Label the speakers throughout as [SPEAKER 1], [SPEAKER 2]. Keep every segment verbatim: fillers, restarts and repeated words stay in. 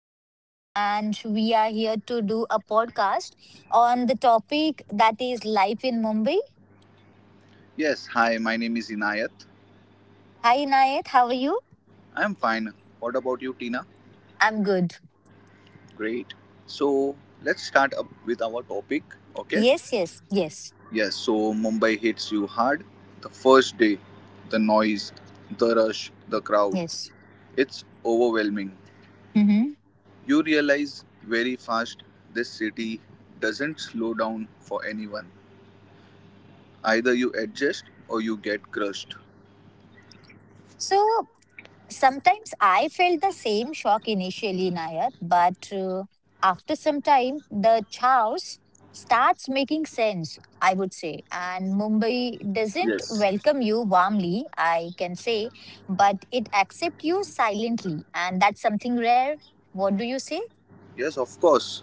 [SPEAKER 1] is Tina, and we are here to do a podcast on the topic that is life in Mumbai.
[SPEAKER 2] Yes, hi, my name is Inayat.
[SPEAKER 1] Hi, Inayat, how are you?
[SPEAKER 2] I'm fine. What about you, Tina?
[SPEAKER 1] I'm good.
[SPEAKER 2] Great. So, let's start up with our topic, okay?
[SPEAKER 1] Yes, yes, yes,
[SPEAKER 2] Yes, so Mumbai hits you hard. The first day, the noise, the rush, the crowd,
[SPEAKER 1] yes.
[SPEAKER 2] it's overwhelming.
[SPEAKER 1] Hmm.
[SPEAKER 2] You realize very fast this city doesn't slow down for anyone. Either you adjust or you get crushed.
[SPEAKER 1] So, sometimes I felt the same shock initially, Nayat, but uh, after some time, the chaos starts making sense, I would say. And Mumbai doesn't
[SPEAKER 2] Yes.
[SPEAKER 1] welcome you warmly, I can say, but it accepts you silently. And that's something rare. What do you say?
[SPEAKER 2] Yes, of course.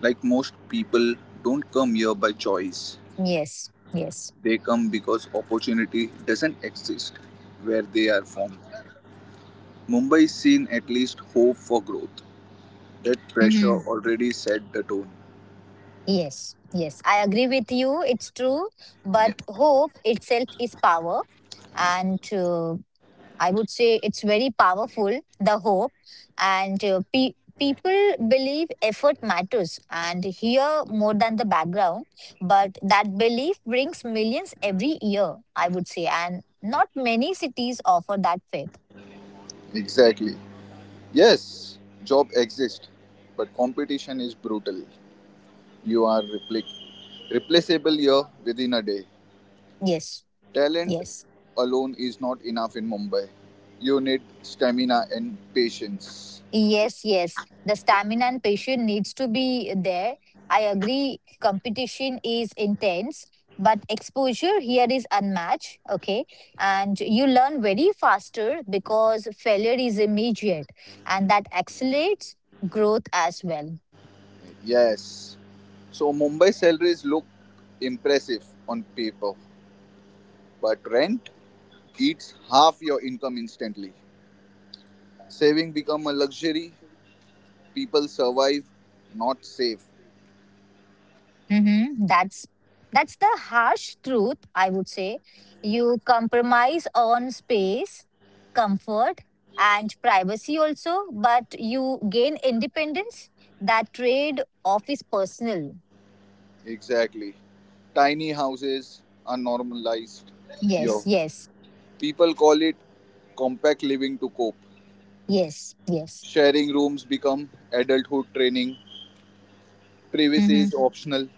[SPEAKER 2] Like most people don't come here by choice.
[SPEAKER 1] Yes, yes.
[SPEAKER 2] They come because opportunity doesn't exist where they are from. Mumbai is seen at least hope for growth. That pressure
[SPEAKER 1] Hmm.
[SPEAKER 2] already set the tone.
[SPEAKER 1] Yes, yes. I agree with you. It's true. But
[SPEAKER 2] Yeah,
[SPEAKER 1] hope itself is power. And uh, I would say it's very powerful, the hope, and uh, pe- people believe effort matters and here more than the background. But that belief brings millions every year, I would say, and not many cities offer that faith.
[SPEAKER 2] exactly. Yes, job exists, but competition is brutal. You are repli- replaceable here within a day.
[SPEAKER 1] Yes,
[SPEAKER 2] Talent
[SPEAKER 1] yes.
[SPEAKER 2] alone is not enough in Mumbai. You need stamina and patience.
[SPEAKER 1] Yes, yes. The stamina and patience needs to be there. I agree competition is intense, but exposure here is unmatched, okay? And you learn very faster because failure is immediate and that accelerates growth as well.
[SPEAKER 2] Yes. So Mumbai salaries look impressive on paper, but rent eats half your income instantly. Saving become a luxury. People survive, not save.
[SPEAKER 1] Mm-hmm. That's that's the harsh truth, I would say. You compromise on space, comfort, and privacy also, but you gain independence. That trade off is personal.
[SPEAKER 2] Exactly. Tiny houses are normalized.
[SPEAKER 1] Yes,
[SPEAKER 2] Yo.
[SPEAKER 1] yes,
[SPEAKER 2] People call it compact living to cope.
[SPEAKER 1] yes, yes.
[SPEAKER 2] Sharing rooms become adulthood training. Privacy
[SPEAKER 1] Mm-hmm.
[SPEAKER 2] is optional.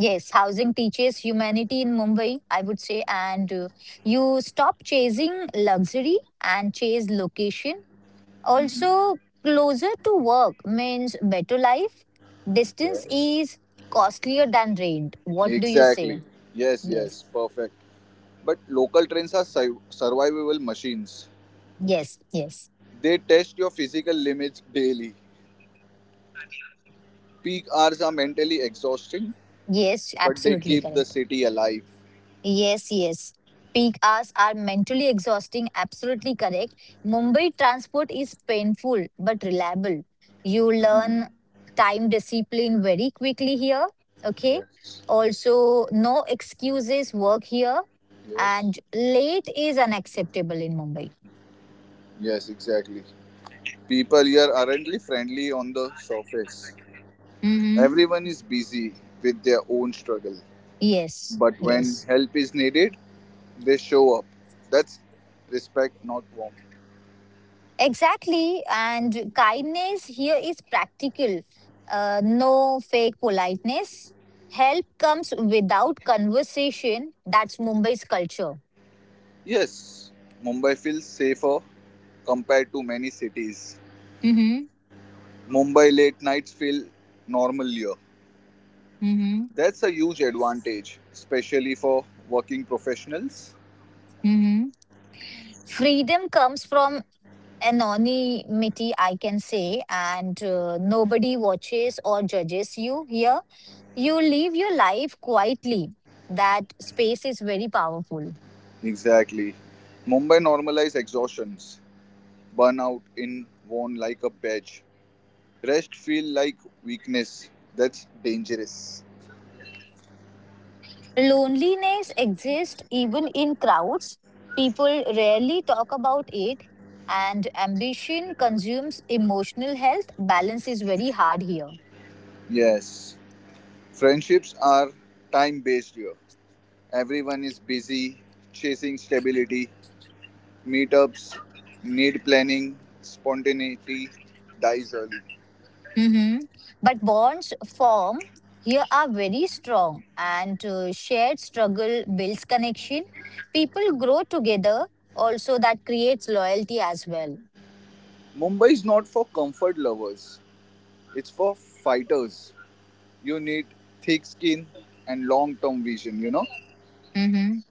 [SPEAKER 1] Yes, housing teaches humanity in Mumbai, I would say, and uh, you stop chasing luxury and chase location
[SPEAKER 2] Mhm.
[SPEAKER 1] also, closer to work means better life. Distance
[SPEAKER 2] Yes.
[SPEAKER 1] is costlier than rent. What do you say?
[SPEAKER 2] Exactly. Yes,
[SPEAKER 1] Yes.
[SPEAKER 2] yes. Perfect. But local trains are survivable machines.
[SPEAKER 1] Yes. Yes.
[SPEAKER 2] They test your physical limits daily. Peak hours are mentally exhausting,
[SPEAKER 1] Yes.
[SPEAKER 2] but they
[SPEAKER 1] Absolutely
[SPEAKER 2] keep the
[SPEAKER 1] correct.
[SPEAKER 2] city alive.
[SPEAKER 1] Yes, yes. Peak hours are mentally exhausting, absolutely correct. Mumbai transport is painful but reliable. You
[SPEAKER 2] Mhm.
[SPEAKER 1] learn time discipline very quickly here. Okay.
[SPEAKER 2] Yes, yes,
[SPEAKER 1] Also, no excuses work here.
[SPEAKER 2] yes,
[SPEAKER 1] And late is unacceptable in Mumbai.
[SPEAKER 2] yes, exactly. People here aren't really friendly on the surface.
[SPEAKER 1] Mm-hmm.
[SPEAKER 2] Everyone is busy with their own struggle,
[SPEAKER 1] Yes,
[SPEAKER 2] but when
[SPEAKER 1] yes.
[SPEAKER 2] help is needed, they show up. That's respect, not warmth.
[SPEAKER 1] Exactly. And kindness here is practical. Uh, no fake politeness. Help comes without conversation. That's Mumbai's culture.
[SPEAKER 2] Yes, Mumbai feels safer compared to many cities.
[SPEAKER 1] Mm-hmm.
[SPEAKER 2] Mumbai late nights feel normalier.
[SPEAKER 1] Mm-hmm.
[SPEAKER 2] That's a huge advantage, especially for working professionals.
[SPEAKER 1] Mm-hmm. Freedom comes from anonymity, I can say, and uh, nobody watches or judges you here. You live your life quietly. That space is very powerful.
[SPEAKER 2] Exactly. Mumbai normalize exhaustions, burnout in worn like a badge. Rest feel like weakness. That's dangerous.
[SPEAKER 1] Loneliness exists even in crowds. People rarely talk about it, and ambition consumes emotional health. Balance is very hard here.
[SPEAKER 2] Yes. Friendships are time based here. Everyone is busy chasing stability. Meetups need planning. Spontaneity dies early.
[SPEAKER 1] Mhm. But bonds form here are very strong, and uh, shared struggle builds connection. People grow together, also, that creates loyalty as well.
[SPEAKER 2] Mumbai is not for comfort lovers, it's for fighters. You need thick skin and long term vision, you know?
[SPEAKER 1] Mhm.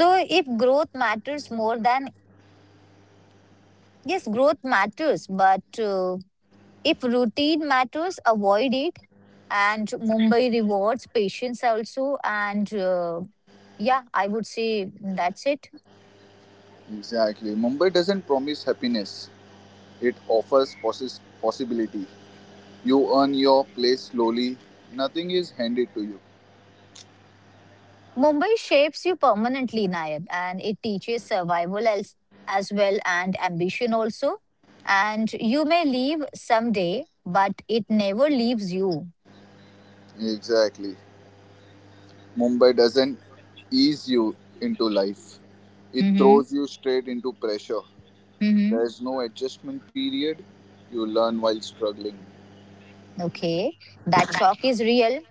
[SPEAKER 1] So, if growth matters more than yes, growth matters, but. Uh, If routine matters, avoid it. And Mumbai rewards patience also. And uh, yeah, I would say that's it.
[SPEAKER 2] Exactly. Mumbai doesn't promise happiness, it offers possi- possibility. You earn your place slowly, nothing is handed to you.
[SPEAKER 1] Mumbai shapes you permanently, Nayan, and it teaches survival as, as well and ambition also. And you may leave someday, but it never leaves you.
[SPEAKER 2] Exactly. Mumbai doesn't ease you into life, it
[SPEAKER 1] Mm-hmm.
[SPEAKER 2] throws you straight into pressure.
[SPEAKER 1] Mm-hmm.
[SPEAKER 2] There's no adjustment period, you learn while struggling.
[SPEAKER 1] Okay. That shock is real,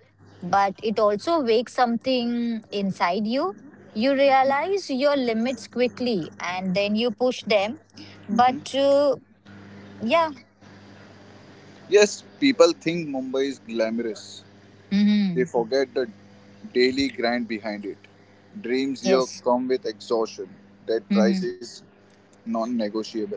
[SPEAKER 1] but it also wakes something inside you. You realize your limits quickly and then you push them.
[SPEAKER 2] Mhm.
[SPEAKER 1] But uh, yeah.
[SPEAKER 2] Yes, people think Mumbai is glamorous. They
[SPEAKER 1] Hmm.
[SPEAKER 2] forget the daily grind behind it. Dreams here
[SPEAKER 1] Yes.
[SPEAKER 2] come with exhaustion. That price
[SPEAKER 1] Hmm.
[SPEAKER 2] is non negotiable.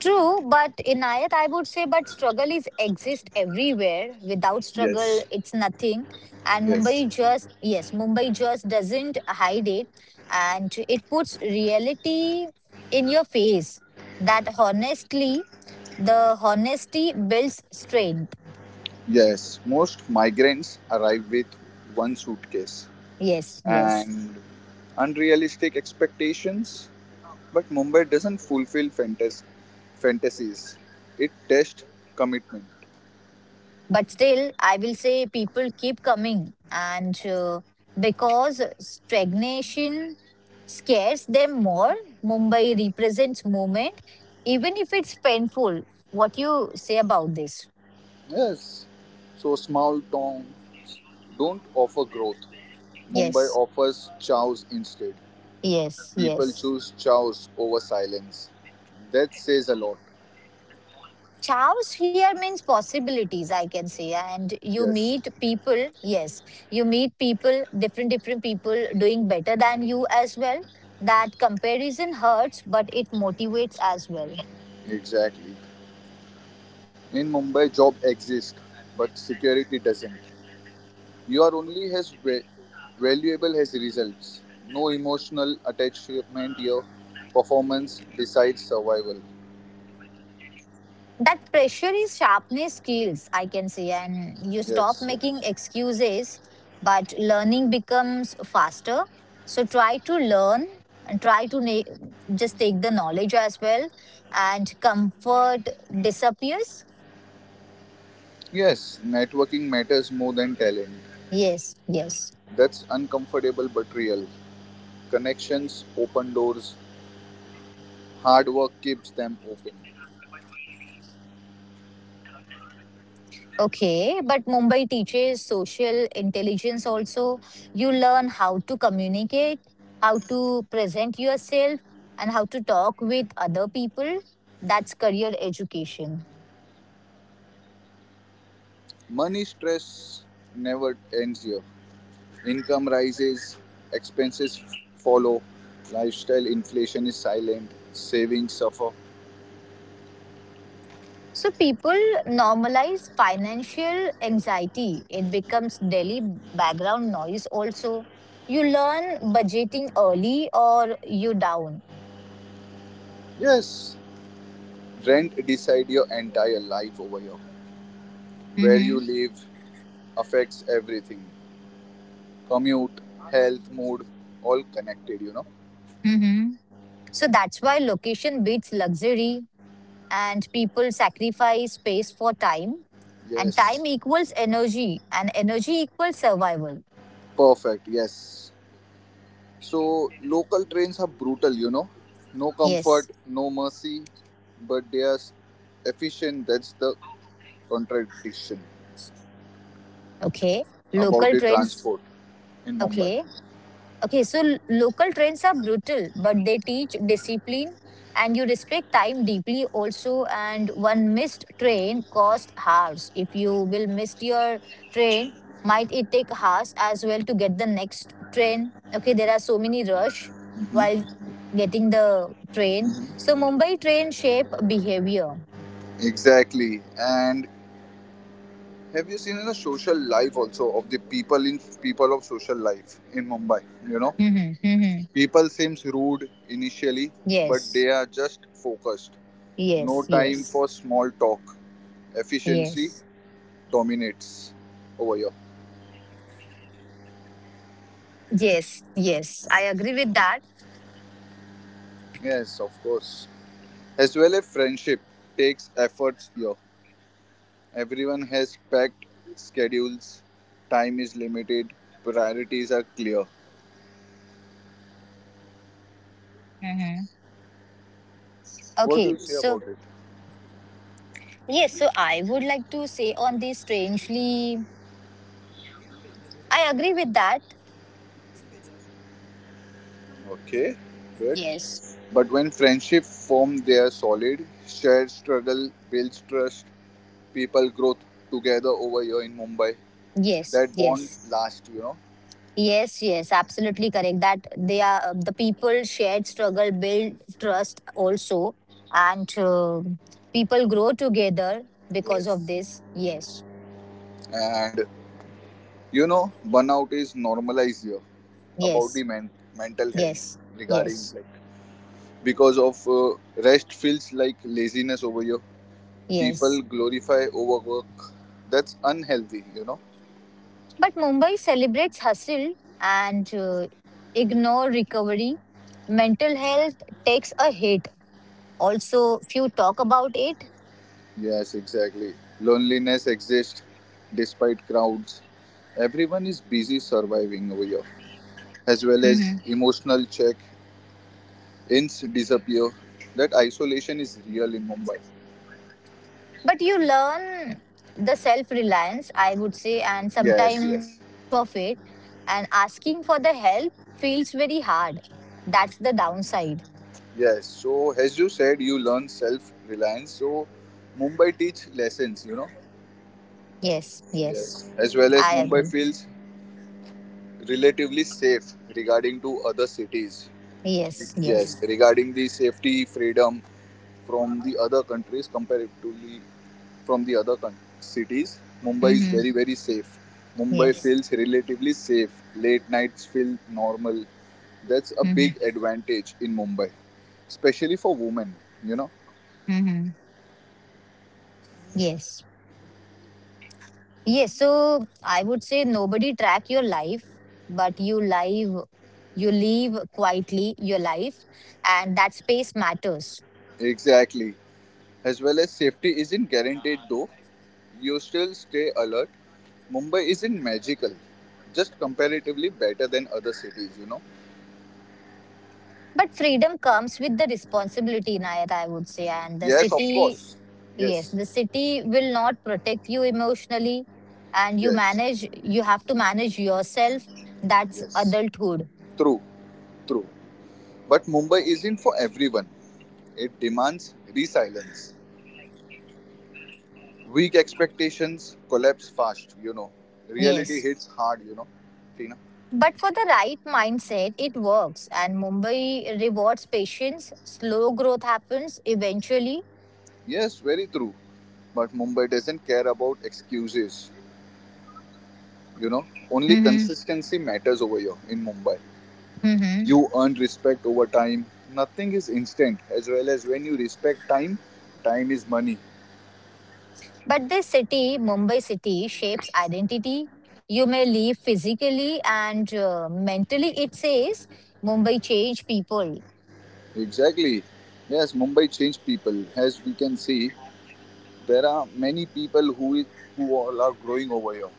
[SPEAKER 1] True, but in Ayat, I would say, but struggle is exist everywhere. Without
[SPEAKER 2] Yes,
[SPEAKER 1] struggle, it's nothing. And
[SPEAKER 2] yes,
[SPEAKER 1] Mumbai just, yes, Mumbai just doesn't hide it. And it puts reality in your face that honestly. The honesty builds strength.
[SPEAKER 2] yes. Most migrants arrive with one suitcase
[SPEAKER 1] Yes, yes.
[SPEAKER 2] and unrealistic expectations, but Mumbai doesn't fulfill fantas- fantasies, it tests commitment.
[SPEAKER 1] But still, I will say people keep coming, and uh, because stagnation scares them more, Mumbai represents movement, even if it's painful. What you say about this?
[SPEAKER 2] Yes. So small towns don't offer growth. Mumbai
[SPEAKER 1] Yes,
[SPEAKER 2] offers chows instead.
[SPEAKER 1] yes,
[SPEAKER 2] People
[SPEAKER 1] yes.
[SPEAKER 2] choose chows over silence. That says a lot.
[SPEAKER 1] Chaos here means possibilities, I can say. And you
[SPEAKER 2] Yes,
[SPEAKER 1] meet people, yes, you meet people, different, different people doing better than you as well. That comparison hurts, but it motivates as well.
[SPEAKER 2] exactly. In Mumbai, job exists, but security doesn't. You are only as va- valuable as results. No emotional attachment here. Performance decides survival.
[SPEAKER 1] That pressure is sharpness skills, I can say. And you stop
[SPEAKER 2] Yes. Yes,
[SPEAKER 1] making excuses, but learning becomes faster. So try to learn and try to na- just take the knowledge as well. And comfort disappears.
[SPEAKER 2] yes, networking matters more than talent.
[SPEAKER 1] Yes, yes.
[SPEAKER 2] That's uncomfortable but real. Connections open doors, hard work keeps them open.
[SPEAKER 1] Okay, but Mumbai teaches social intelligence also. You learn how to communicate, how to present yourself, and how to talk with other people. That's career education.
[SPEAKER 2] Money stress never ends here. Income rises, expenses f- follow, lifestyle inflation is silent, savings suffer.
[SPEAKER 1] So people normalize financial anxiety. It becomes daily background noise also. You learn budgeting early or you down.
[SPEAKER 2] Yes, rent decide your entire life over here. Where you
[SPEAKER 1] Mm-hmm.
[SPEAKER 2] live affects everything. Commute, health, mood, all connected, you know.
[SPEAKER 1] Mm-hmm. So that's why location beats luxury and people sacrifice space for time and time
[SPEAKER 2] Yes.
[SPEAKER 1] equals energy and energy equals survival.
[SPEAKER 2] Perfect. Yes. So local trains are brutal, you know. No
[SPEAKER 1] Yes.
[SPEAKER 2] comfort, no mercy, but they are efficient. That's the contradiction
[SPEAKER 1] Okay.
[SPEAKER 2] about
[SPEAKER 1] Local
[SPEAKER 2] the
[SPEAKER 1] trends.
[SPEAKER 2] transport in Mumbai.
[SPEAKER 1] Okay. Okay, so l- local trains are brutal, but they teach discipline and you respect time deeply also. And one missed train costs hours. If you will miss your train, might it take hours as well to get the next train? Okay, there are so many rush
[SPEAKER 2] Mhm.
[SPEAKER 1] while getting the train. So Mumbai train shape behavior.
[SPEAKER 2] Exactly. And have you seen in the social life also of the people in people of social life in Mumbai? You know,
[SPEAKER 1] Mm-hmm, mm-hmm.
[SPEAKER 2] people seems rude initially, but they
[SPEAKER 1] Yes,
[SPEAKER 2] are just focused. No
[SPEAKER 1] yes,
[SPEAKER 2] time
[SPEAKER 1] yes,
[SPEAKER 2] for small talk. Efficiency
[SPEAKER 1] yes,
[SPEAKER 2] dominates over here.
[SPEAKER 1] yes, yes. I agree with that.
[SPEAKER 2] Yes, of course. As well a friendship takes efforts here. Everyone has packed schedules, time is limited, priorities are clear.
[SPEAKER 1] Mm-hmm.
[SPEAKER 2] What do you
[SPEAKER 1] Okay,
[SPEAKER 2] say about
[SPEAKER 1] so
[SPEAKER 2] it?
[SPEAKER 1] yes, so I would like to say on this strangely, I agree with that.
[SPEAKER 2] Okay, good.
[SPEAKER 1] Yes,
[SPEAKER 2] But when friendship form they are solid, shared struggle builds trust, people grow together over here in Mumbai.
[SPEAKER 1] yes,
[SPEAKER 2] That bond
[SPEAKER 1] yes,
[SPEAKER 2] lasts, you know.
[SPEAKER 1] yes, yes, absolutely correct. That they are uh, the people shared struggle build trust also, and uh, people grow together because of
[SPEAKER 2] Yes.
[SPEAKER 1] this. Yes,
[SPEAKER 2] And you know, burnout is normalized here about the
[SPEAKER 1] yes,
[SPEAKER 2] men- mental health
[SPEAKER 1] yes,
[SPEAKER 2] regarding
[SPEAKER 1] yes,
[SPEAKER 2] like because of uh, rest feels like laziness over here. People
[SPEAKER 1] yes.
[SPEAKER 2] glorify overwork. That's unhealthy, you know.
[SPEAKER 1] But Mumbai celebrates hustle and uh, ignore recovery. Mental health takes a hit. Also, few talk about it.
[SPEAKER 2] Yes, exactly. Loneliness exists despite crowds. Everyone is busy surviving over here, as well as
[SPEAKER 1] Hmm.
[SPEAKER 2] emotional check, ins disappear. That isolation is real in Mumbai.
[SPEAKER 1] But you learn the self reliance, I would say, and
[SPEAKER 2] Yes,
[SPEAKER 1] sometimes
[SPEAKER 2] yes,
[SPEAKER 1] too much of it, and asking for the help feels very hard. That's the downside.
[SPEAKER 2] yes. So, as you said, you learn self reliance. So, Mumbai teach lessons, you know.
[SPEAKER 1] Yes, yes,
[SPEAKER 2] Yes. As well as
[SPEAKER 1] I
[SPEAKER 2] Mumbai
[SPEAKER 1] agree.
[SPEAKER 2] feels relatively safe regarding to other cities.
[SPEAKER 1] Yes,
[SPEAKER 2] Yes,
[SPEAKER 1] yes.
[SPEAKER 2] regarding the safety freedom from the other countries comparatively from the other coun- cities, Mumbai is
[SPEAKER 1] Hmm.
[SPEAKER 2] very very safe. Mumbai
[SPEAKER 1] Yes.
[SPEAKER 2] feels relatively safe. Late nights feel normal. That's a
[SPEAKER 1] Hmm.
[SPEAKER 2] big advantage in Mumbai, especially for women. You know
[SPEAKER 1] Hmm. Yes. Yes. So I would say nobody track your life, but you live, you live quietly your life, and that space matters.
[SPEAKER 2] exactly. As well as safety isn't guaranteed though. You still stay alert. Mumbai isn't magical, just comparatively better than other cities, you know?
[SPEAKER 1] But freedom comes with the responsibility, Nayar, I would say. And the
[SPEAKER 2] Yes, of
[SPEAKER 1] city,
[SPEAKER 2] course.
[SPEAKER 1] yes,
[SPEAKER 2] Yes,
[SPEAKER 1] the city will not protect you emotionally. And you
[SPEAKER 2] yes,
[SPEAKER 1] manage, you have to manage yourself. That's
[SPEAKER 2] yes.
[SPEAKER 1] adulthood.
[SPEAKER 2] True, true. But Mumbai isn't for everyone. It demands resilience. Weak expectations collapse fast, you know. Reality
[SPEAKER 1] Yes.
[SPEAKER 2] hits hard, you know, Tina?
[SPEAKER 1] But for the right mindset, it works. And Mumbai rewards patience. Slow growth happens eventually.
[SPEAKER 2] Yes, very true. But Mumbai doesn't care about excuses, you know. Only
[SPEAKER 1] Mm-hmm.
[SPEAKER 2] consistency matters over here in Mumbai.
[SPEAKER 1] Mm-hmm.
[SPEAKER 2] You earn respect over time. Nothing is instant, as well as when you respect time, time is money.
[SPEAKER 1] But this city, Mumbai city, shapes identity. You may leave physically and uh, mentally. It says Mumbai change people.
[SPEAKER 2] Exactly. Yes, Mumbai changed people. As we can see, there are many people who is, who all are growing over here.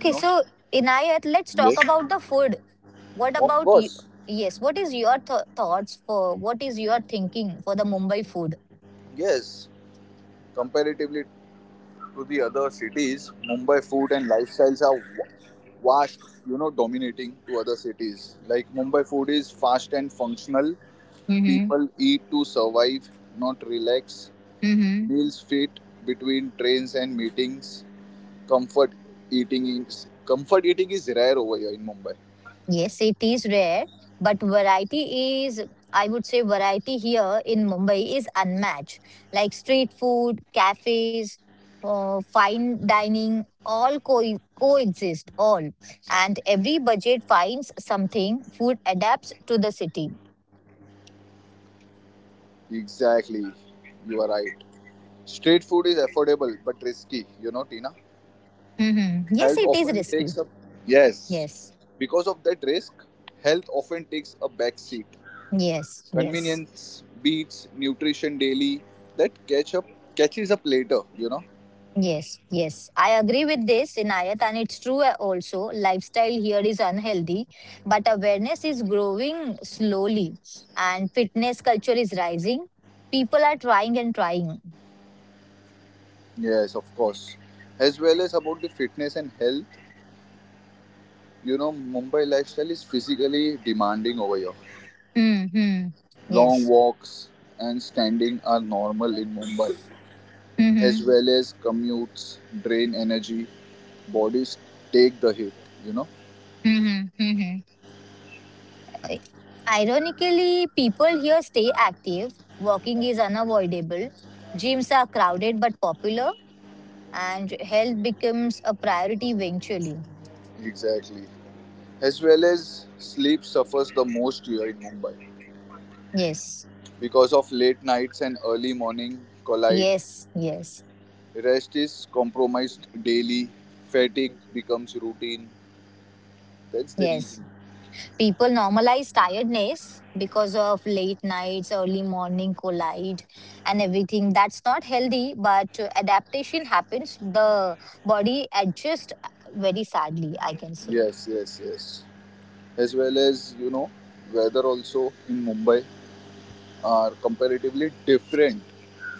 [SPEAKER 2] You know.
[SPEAKER 1] so Inayat, let's
[SPEAKER 2] Yes.
[SPEAKER 1] talk about the food. What
[SPEAKER 2] Of
[SPEAKER 1] about you?
[SPEAKER 2] course.
[SPEAKER 1] Yes, what is your th- thoughts for? What is your thinking for the Mumbai food?
[SPEAKER 2] Yes. Comparatively to the other cities, Mumbai food and lifestyles are wa- vast. You know, dominating to other cities. Like Mumbai food is fast and functional.
[SPEAKER 1] Mm-hmm.
[SPEAKER 2] People eat to survive, not relax.
[SPEAKER 1] Mm-hmm.
[SPEAKER 2] Meals fit between trains and meetings. Comfort eating is comfort eating is rare over here in Mumbai.
[SPEAKER 1] Yes, it is rare, but variety is, I would say, variety here in Mumbai is unmatched. Like street food, cafes, uh, fine dining, all co- coexist, all. And every budget finds something, food adapts to the city.
[SPEAKER 2] Exactly. You are right. Street food is affordable but risky, you know, Tina.
[SPEAKER 1] Hmm.
[SPEAKER 2] Health
[SPEAKER 1] Yes, it
[SPEAKER 2] often
[SPEAKER 1] is
[SPEAKER 2] takes a
[SPEAKER 1] risky.
[SPEAKER 2] yes.
[SPEAKER 1] Yes,
[SPEAKER 2] Because of that risk, health often takes a back seat.
[SPEAKER 1] yes, yes.
[SPEAKER 2] Convenience beats nutrition daily that catch up catches up later, you know.
[SPEAKER 1] Yes, yes. I agree with this, Inayat, and it's true uh, also. Lifestyle here is unhealthy, but awareness is growing slowly, and fitness culture is rising. People are trying and trying.
[SPEAKER 2] Yes, of course. As well as about the fitness and health, you know, Mumbai lifestyle is physically demanding over here.
[SPEAKER 1] Mm-hmm.
[SPEAKER 2] Long
[SPEAKER 1] Yes.
[SPEAKER 2] walks and standing are normal in Mumbai, as
[SPEAKER 1] Mm-hmm.
[SPEAKER 2] well as commutes drain energy, bodies take the hit, you know.
[SPEAKER 1] Mm-hmm. Mm-hmm. I- Ironically, people here stay active. Walking is unavoidable. Gyms are crowded but popular, and health becomes a priority eventually.
[SPEAKER 2] Exactly. As well as sleep suffers the most here in Mumbai
[SPEAKER 1] Yes.
[SPEAKER 2] because of late nights and early morning collide.
[SPEAKER 1] Yes, yes.
[SPEAKER 2] Rest is compromised daily, fatigue becomes routine. That's the
[SPEAKER 1] Yes.
[SPEAKER 2] reason.
[SPEAKER 1] People normalize tiredness because of late nights, early morning collide, and everything. That's not healthy, but uh, adaptation happens. The body adjusts uh, very sadly, I can say.
[SPEAKER 2] Yes, yes, yes. As well as, you know, weather also in Mumbai are comparatively different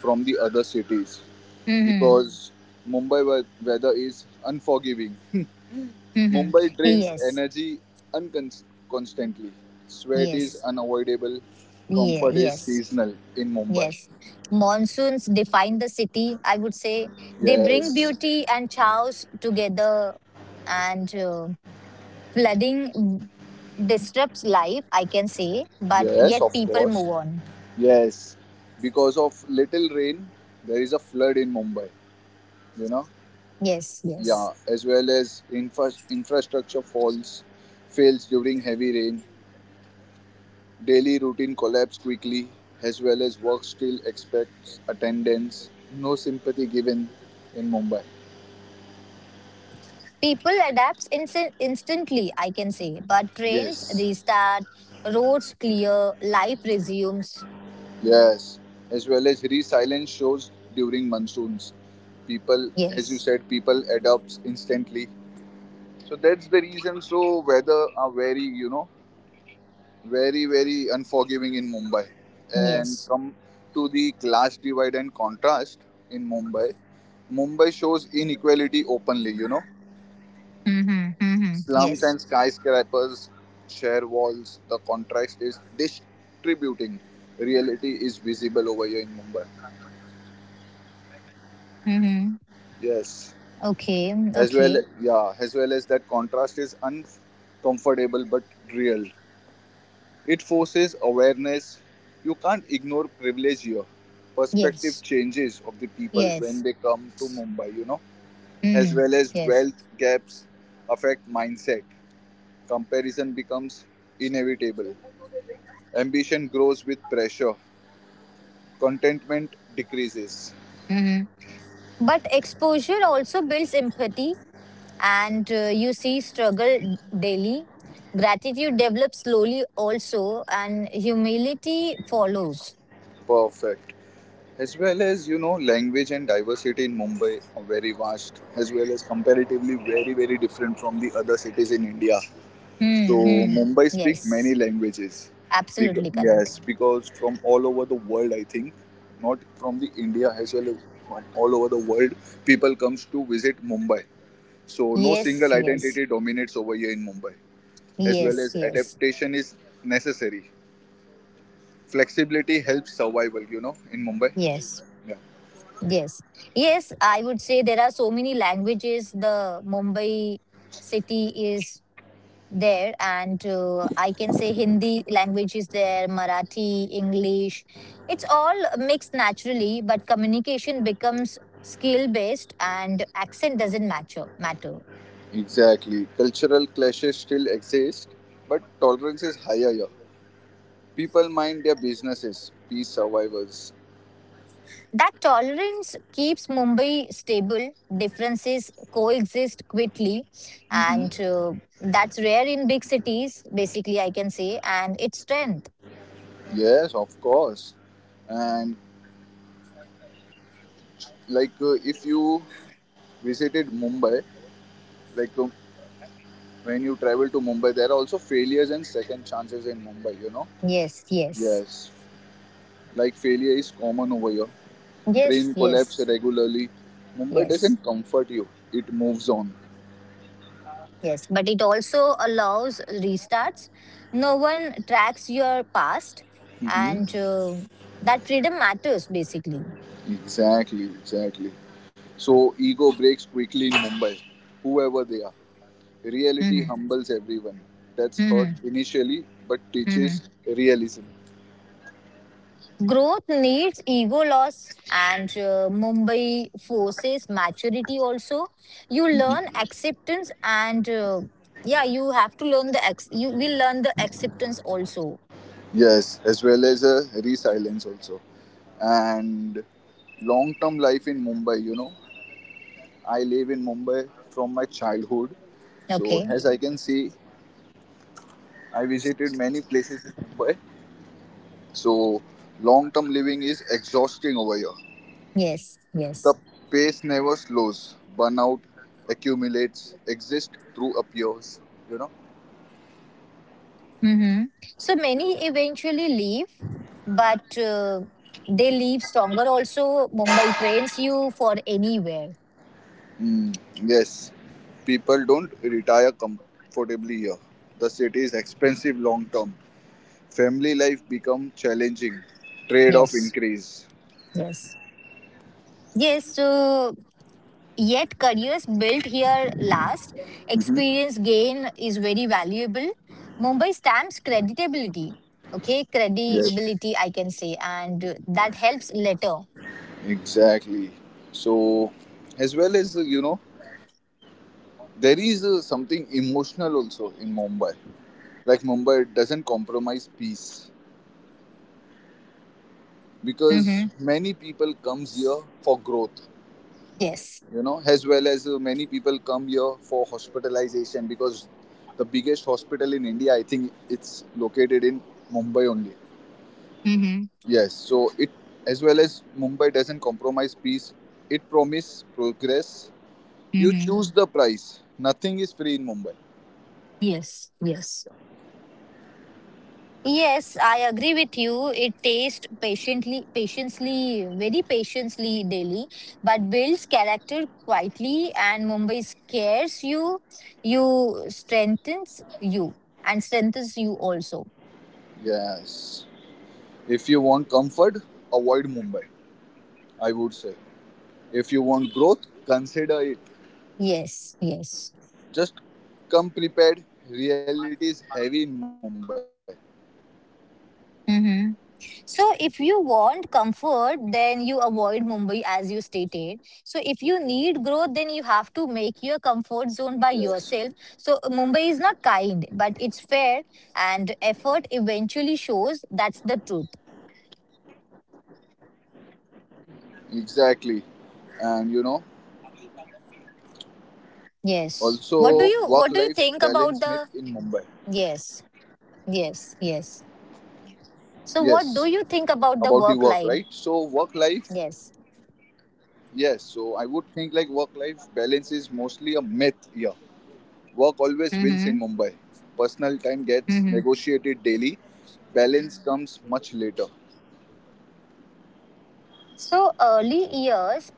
[SPEAKER 2] from the other cities
[SPEAKER 1] Mm-hmm.
[SPEAKER 2] because Mumbai we- weather is unforgiving.
[SPEAKER 1] Mm-hmm.
[SPEAKER 2] Mumbai drains
[SPEAKER 1] Yes.
[SPEAKER 2] energy uncon- constantly. Sweat is
[SPEAKER 1] Yes.
[SPEAKER 2] unavoidable.
[SPEAKER 1] Yeah.
[SPEAKER 2] Comfort is
[SPEAKER 1] Yes.
[SPEAKER 2] seasonal in Mumbai.
[SPEAKER 1] Yes. Monsoons define the city, I would say. They bring
[SPEAKER 2] Yes,
[SPEAKER 1] beauty and chaos together, and uh, flooding disrupts life, I can say, but
[SPEAKER 2] yes,
[SPEAKER 1] yet
[SPEAKER 2] of
[SPEAKER 1] people
[SPEAKER 2] course.
[SPEAKER 1] move on.
[SPEAKER 2] Yes, because of little rain, there is a flood in Mumbai, you know.
[SPEAKER 1] Yes, yes.
[SPEAKER 2] Yeah, as well as infra- infrastructure falls, fails during heavy rain, daily routine collapse quickly, as well as work still expects attendance, no sympathy given in Mumbai.
[SPEAKER 1] People adapts instant instantly, I can say, but trains
[SPEAKER 2] Yes,
[SPEAKER 1] restart, roads clear, life resumes.
[SPEAKER 2] yes, as well as resilience shows during monsoons. People, as you
[SPEAKER 1] Yes,
[SPEAKER 2] said, people adapts instantly. So that's the reason. So weather are very, you know, very very unforgiving in Mumbai and
[SPEAKER 1] yes.
[SPEAKER 2] come to the class divide and contrast in Mumbai. Mumbai shows inequality openly, you know,
[SPEAKER 1] Mm-hmm, mm-hmm.
[SPEAKER 2] slums
[SPEAKER 1] Yes.
[SPEAKER 2] and skyscrapers share walls, the contrast is distributing, reality is visible over here in Mumbai.
[SPEAKER 1] Mm-hmm.
[SPEAKER 2] Yes,
[SPEAKER 1] Okay,
[SPEAKER 2] as well,
[SPEAKER 1] okay.
[SPEAKER 2] yeah, as well as that contrast is uncomfortable but real. It forces awareness. You can't ignore privilege here. Perspective
[SPEAKER 1] Yes,
[SPEAKER 2] changes of the people when
[SPEAKER 1] yes.
[SPEAKER 2] they come to Mumbai, you know, as
[SPEAKER 1] Mm-hmm.
[SPEAKER 2] well as
[SPEAKER 1] Yes.
[SPEAKER 2] wealth gaps affect mindset. Comparison becomes inevitable. Ambition grows with pressure. Contentment decreases.
[SPEAKER 1] Mm-hmm. But exposure also builds empathy and uh, you see struggle daily. Gratitude develops slowly also, and humility follows.
[SPEAKER 2] Perfect. As well as, you know, language and diversity in Mumbai are very vast, as well as comparatively very, very different from the other cities in India. So
[SPEAKER 1] Hmm.
[SPEAKER 2] Mumbai speak
[SPEAKER 1] Yes,
[SPEAKER 2] many languages. Bec-
[SPEAKER 1] absolutely correct.
[SPEAKER 2] yes, because from all over the world, I think, not from the India as well, from all over the world, people comes to visit Mumbai. So no single
[SPEAKER 1] Yes, yes,
[SPEAKER 2] identity dominates over here in Mumbai. As well
[SPEAKER 1] yes,
[SPEAKER 2] as
[SPEAKER 1] yes,
[SPEAKER 2] adaptation is necessary. Flexibility helps survival. You know, in Mumbai.
[SPEAKER 1] yes,
[SPEAKER 2] Yeah,
[SPEAKER 1] yes, yes. I would say there are so many languages. The Mumbai city is there, and uh, I can say Hindi language is there, Marathi, English. It's all mixed naturally, but communication becomes skill based and accent doesn't matter matter
[SPEAKER 2] exactly. Cultural clashes still exist, but tolerance is higher here. People mind their businesses, peace survivors.
[SPEAKER 1] That tolerance keeps Mumbai stable. Differences coexist quickly, and uh, that's rare in big cities basically, I can say, and it's strength.
[SPEAKER 2] Yes, of course. And like uh, if you visited Mumbai, like um, when you travel to Mumbai, there are also failures and second chances in Mumbai, you know?
[SPEAKER 1] Yes, yes,
[SPEAKER 2] Yes, like failure is common over here.
[SPEAKER 1] yes,
[SPEAKER 2] Train
[SPEAKER 1] yes,
[SPEAKER 2] collapse regularly. Mumbai
[SPEAKER 1] yes.
[SPEAKER 2] doesn't comfort you, it moves on.
[SPEAKER 1] Yes, but it also allows restarts. No one tracks your past,
[SPEAKER 2] Hmm.
[SPEAKER 1] and uh, that freedom matters basically.
[SPEAKER 2] Exactly, exactly. So ego breaks quickly in Mumbai, whoever they are. Reality
[SPEAKER 1] Hmm.
[SPEAKER 2] humbles everyone. That's hurt
[SPEAKER 1] Hmm.
[SPEAKER 2] initially, but
[SPEAKER 1] Hmm.
[SPEAKER 2] teaches realism.
[SPEAKER 1] Growth needs ego loss, and uh, Mumbai forces maturity also. You learn
[SPEAKER 2] Mm-hmm.
[SPEAKER 1] acceptance, and uh, yeah, you have to learn the ex- you will learn the acceptance also.
[SPEAKER 2] Yes, as well as a resilience also. And long term life in Mumbai, you know, I live in Mumbai from my childhood. So,
[SPEAKER 1] Okay.
[SPEAKER 2] as I can see, I visited many places in Mumbai. So, long term living is exhausting over here.
[SPEAKER 1] Yes.
[SPEAKER 2] The
[SPEAKER 1] Yes.
[SPEAKER 2] pace never slows, burnout accumulates, exists through appears, you know.
[SPEAKER 1] Hmm. So many eventually leave, but uh, they leave stronger. Also, Mumbai trains you for anywhere.
[SPEAKER 2] Mm, yes, people don't retire comfortably here. The city is expensive long term. Family life become challenging. Trade-off
[SPEAKER 1] Yes,
[SPEAKER 2] increase.
[SPEAKER 1] yes, yes. So yet careers built here last.
[SPEAKER 2] Hmm.
[SPEAKER 1] Experience gain is very valuable. Mumbai stamps creditability. Okay,
[SPEAKER 2] Yes,
[SPEAKER 1] credibility I can say, and uh, that helps later.
[SPEAKER 2] exactly. So, as well as uh, you know, there is uh, something emotional also in Mumbai. Like Mumbai doesn't compromise peace
[SPEAKER 1] Mm-hmm.
[SPEAKER 2] because many people comes here for growth.
[SPEAKER 1] Yes.
[SPEAKER 2] You know, as well as uh, many people come here for hospitalization because the biggest hospital in India, I think, it's located in Mumbai only.
[SPEAKER 1] Mm-hmm.
[SPEAKER 2] Yes, so it as well as Mumbai doesn't compromise peace, it promises progress. You
[SPEAKER 1] Mm-hmm.
[SPEAKER 2] choose the price. Nothing is free in Mumbai.
[SPEAKER 1] Yes. Yes. Yes, I agree with you. It tastes patiently, patiently, very patiently daily, but builds character quietly. And Mumbai scares you, you, strengthens you, and strengthens you also.
[SPEAKER 2] Yes. If you want comfort, avoid Mumbai, I would say. If you want growth, consider it.
[SPEAKER 1] Yes, yes.
[SPEAKER 2] Just come prepared. Reality is heavy in Mumbai.
[SPEAKER 1] Mm-hmm. So if you want comfort, then you avoid Mumbai as you stated. So if you need growth, then you have to
[SPEAKER 2] Yes,
[SPEAKER 1] make your comfort zone by yourself. So Mumbai is not kind, but it's fair and effort eventually shows that's the truth.
[SPEAKER 2] exactly. And you know,
[SPEAKER 1] Yes. What do
[SPEAKER 2] also
[SPEAKER 1] you
[SPEAKER 2] work
[SPEAKER 1] what do you
[SPEAKER 2] life
[SPEAKER 1] think about
[SPEAKER 2] balance myth
[SPEAKER 1] the.
[SPEAKER 2] in Mumbai.
[SPEAKER 1] Yes. Yes. Yes. So what do
[SPEAKER 2] Yes,
[SPEAKER 1] you think about the
[SPEAKER 2] about the
[SPEAKER 1] work
[SPEAKER 2] work,
[SPEAKER 1] life?
[SPEAKER 2] right? So, work life
[SPEAKER 1] Yes.
[SPEAKER 2] yes, so I would think like work life balance is mostly a myth here. Work always wins in
[SPEAKER 1] Mhm.
[SPEAKER 2] Mumbai. Personal time gets
[SPEAKER 1] Mhm.
[SPEAKER 2] negotiated daily, balance comes much later.
[SPEAKER 1] So early years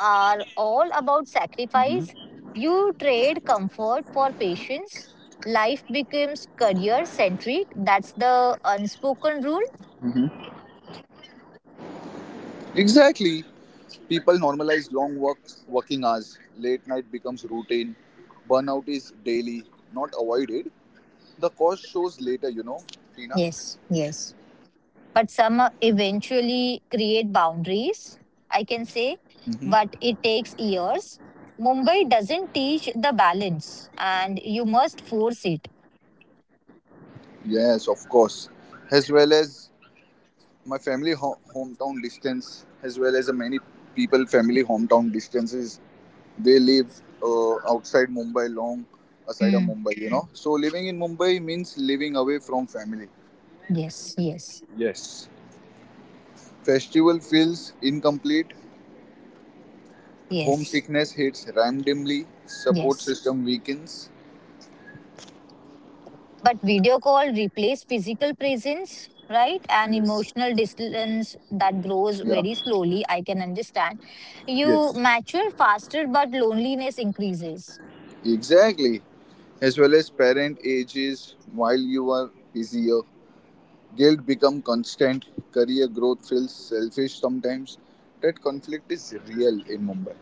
[SPEAKER 1] are all about
[SPEAKER 2] Hmm.
[SPEAKER 1] sacrifice. You trade comfort for patience. Life becomes career centric. That's the unspoken rule.
[SPEAKER 2] Hmm. Exactly. People normalize long works, working hours. Late night becomes routine. Burnout is daily, not avoided. The cost shows later, you know, Tina.
[SPEAKER 1] Yes, yes. But some uh, eventually create boundaries, I can say.
[SPEAKER 2] Hmm.
[SPEAKER 1] But it takes years. Mumbai doesn't teach the balance and you must force it.
[SPEAKER 2] Yes, of course. As well as my family ho- hometown distance as well as uh, many people family hometown distances they live uh, outside mumbai long aside of
[SPEAKER 1] Mm.
[SPEAKER 2] mumbai you know, so living in Mumbai means living away from family.
[SPEAKER 1] Yes, yes,
[SPEAKER 2] Yes. Festival feels incomplete,
[SPEAKER 1] yes,
[SPEAKER 2] homesickness hits randomly, support
[SPEAKER 1] yes.
[SPEAKER 2] system weakens.
[SPEAKER 1] But video call replaced physical presence, right? And
[SPEAKER 2] Yes,
[SPEAKER 1] emotional distance that grows
[SPEAKER 2] yeah,
[SPEAKER 1] very slowly, I can understand. You
[SPEAKER 2] yes,
[SPEAKER 1] mature faster, but loneliness increases.
[SPEAKER 2] exactly, as well as parent ages while you are busier. Guilt become constant, career growth feels selfish sometimes. That conflict is real in Mumbai.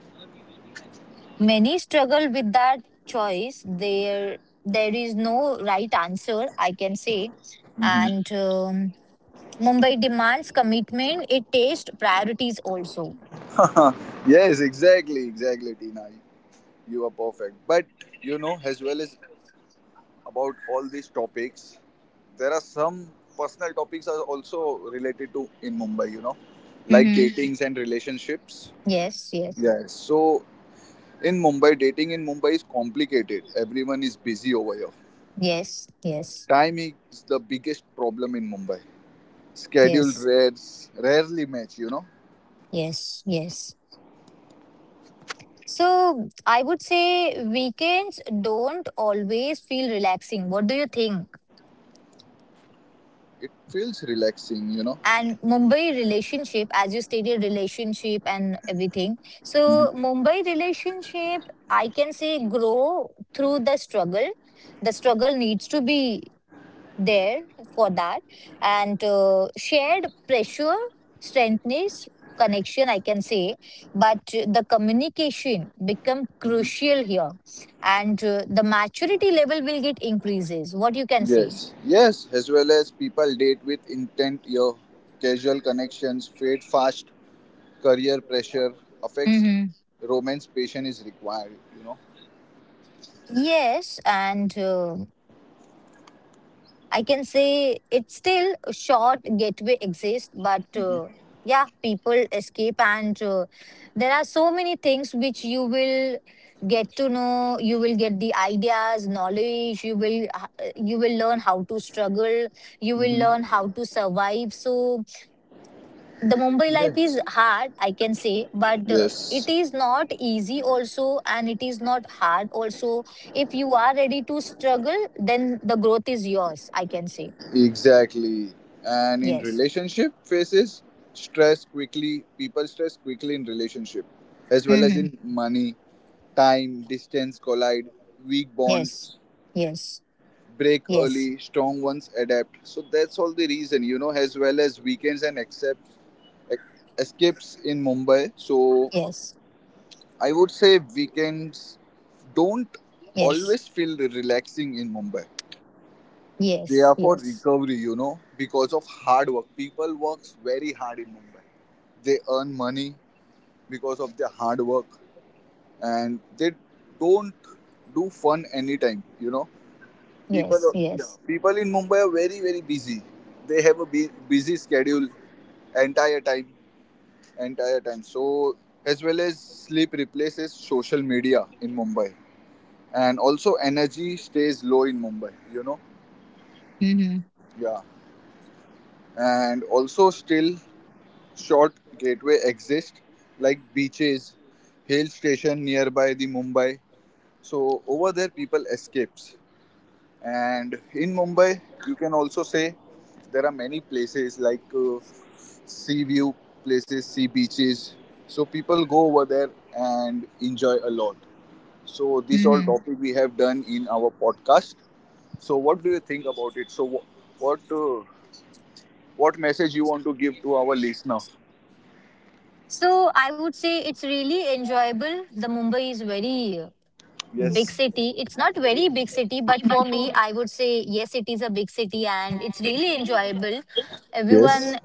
[SPEAKER 1] Many struggle with that choice. There, there is no right answer, I can say.
[SPEAKER 2] Mhm.
[SPEAKER 1] And um, Mumbai demands commitment. It takes priorities also.
[SPEAKER 2] yes, exactly, exactly, Tina. You are perfect. But you know, as well as about all these topics, there are some personal topics are also related to in Mumbai. You know, like
[SPEAKER 1] Mm-hmm.
[SPEAKER 2] datings and relationships.
[SPEAKER 1] Yes, yes,
[SPEAKER 2] Yes. So in Mumbai, dating in Mumbai is complicated. Everyone is busy over here.
[SPEAKER 1] yes, yes,
[SPEAKER 2] Time is the biggest problem in Mumbai. Scheduled
[SPEAKER 1] yes,
[SPEAKER 2] rares rarely match, you know.
[SPEAKER 1] yes, yes. So I would say weekends don't always feel relaxing. What do you think?
[SPEAKER 2] It feels relaxing, you know.
[SPEAKER 1] And Mumbai relationship, as you stated, relationship and everything. So
[SPEAKER 2] Mhm.
[SPEAKER 1] Mumbai relationship, I can say grow through the struggle. The struggle needs to be there for that, and uh, shared pressure strengthens connection, I can say, but uh, the communication become
[SPEAKER 2] Mhm.
[SPEAKER 1] crucial here, and uh, the maturity level will get increases, what you can say?
[SPEAKER 2] Yes, yes, as well as people date with intent, your casual connections fade fast, career pressure affects
[SPEAKER 1] Hmm.
[SPEAKER 2] romance, patience is required, you know.
[SPEAKER 1] Yes, and uh, I can say it's still a short gateway exists, but uh, yeah, people escape, and uh, there are so many things which you will get to know. You will get the ideas, knowledge. You will uh, you will learn how to struggle. You will
[SPEAKER 2] Mm-hmm.
[SPEAKER 1] learn how to survive. So the Mumbai life is
[SPEAKER 2] Yes.
[SPEAKER 1] hard, I can say, but uh,
[SPEAKER 2] Yes,
[SPEAKER 1] it is not easy also, and it is not hard also. If you are ready to struggle, then the growth is yours. I can say.
[SPEAKER 2] exactly. And in
[SPEAKER 1] Yes.
[SPEAKER 2] relationship phases, stress quickly, people stress quickly in relationship, as well as
[SPEAKER 1] Mm-hmm.
[SPEAKER 2] in money, time, distance collide, weak
[SPEAKER 1] Yes.
[SPEAKER 2] bonds
[SPEAKER 1] Yes.
[SPEAKER 2] break
[SPEAKER 1] Yes.
[SPEAKER 2] early, strong ones adapt. So that's all the reason, you know, as well as weekends and accepts, escapes in Mumbai. So
[SPEAKER 1] Yes.
[SPEAKER 2] I would say weekends don't
[SPEAKER 1] Yes.
[SPEAKER 2] always feel relaxing in Mumbai. They
[SPEAKER 1] Yes.
[SPEAKER 2] are for
[SPEAKER 1] Yes.
[SPEAKER 2] recovery, you know, because of hard work. People works very hard in Mumbai, they earn money because of their hard work and they don't do fun anytime, you know,
[SPEAKER 1] Yes.
[SPEAKER 2] people, yeah,
[SPEAKER 1] Yes.
[SPEAKER 2] people in Mumbai are very very busy, they have a bu- busy schedule entire time entire time, so as well as sleep replaces social media in Mumbai and also energy stays low in Mumbai, you know.
[SPEAKER 1] Mm-hmm.
[SPEAKER 2] Yeah, and also still short gateway exist like beaches, hill station nearby the Mumbai. So over there people escapes. And in Mumbai, you can also say there are many places like uh, sea view places, sea beaches. So people go over there and enjoy a lot. So this all
[SPEAKER 1] Mm-hmm.
[SPEAKER 2] topic we have done in our podcast. So what do you think about it? So wh- what uh, what message you want to give to our listener?
[SPEAKER 1] So I would say it's really enjoyable. The Mumbai is very uh, big
[SPEAKER 2] Yes.
[SPEAKER 1] city. It's not very big city, but for me, I would say yes, it is a big city and it's really enjoyable.
[SPEAKER 2] Yes.
[SPEAKER 1] Everyone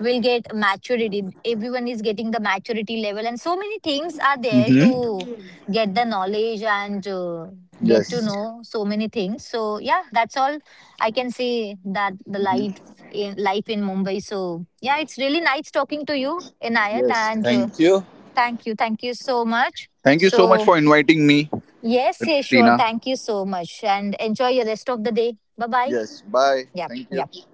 [SPEAKER 1] will get maturity. Everyone is getting the maturity level, and so many things are there to
[SPEAKER 2] Mm-hmm.
[SPEAKER 1] get the knowledge and uh, get to
[SPEAKER 2] Yes.
[SPEAKER 1] know so many things. So yeah, that's all I can say, that the
[SPEAKER 2] Hmm.
[SPEAKER 1] life in life in Mumbai. So yeah, it's really nice talking to you, Inayat,
[SPEAKER 2] Yes.
[SPEAKER 1] and uh,
[SPEAKER 2] Thank you.
[SPEAKER 1] thank you, thank you so much.
[SPEAKER 2] Thank you so much
[SPEAKER 1] So
[SPEAKER 2] for inviting me,
[SPEAKER 1] yes, yeah, sure,
[SPEAKER 2] Tina.
[SPEAKER 1] thank you so much, and enjoy your rest of the day. Bye bye.
[SPEAKER 2] Yes. Bye.
[SPEAKER 1] Yeah,
[SPEAKER 2] Thank you.
[SPEAKER 1] yeah.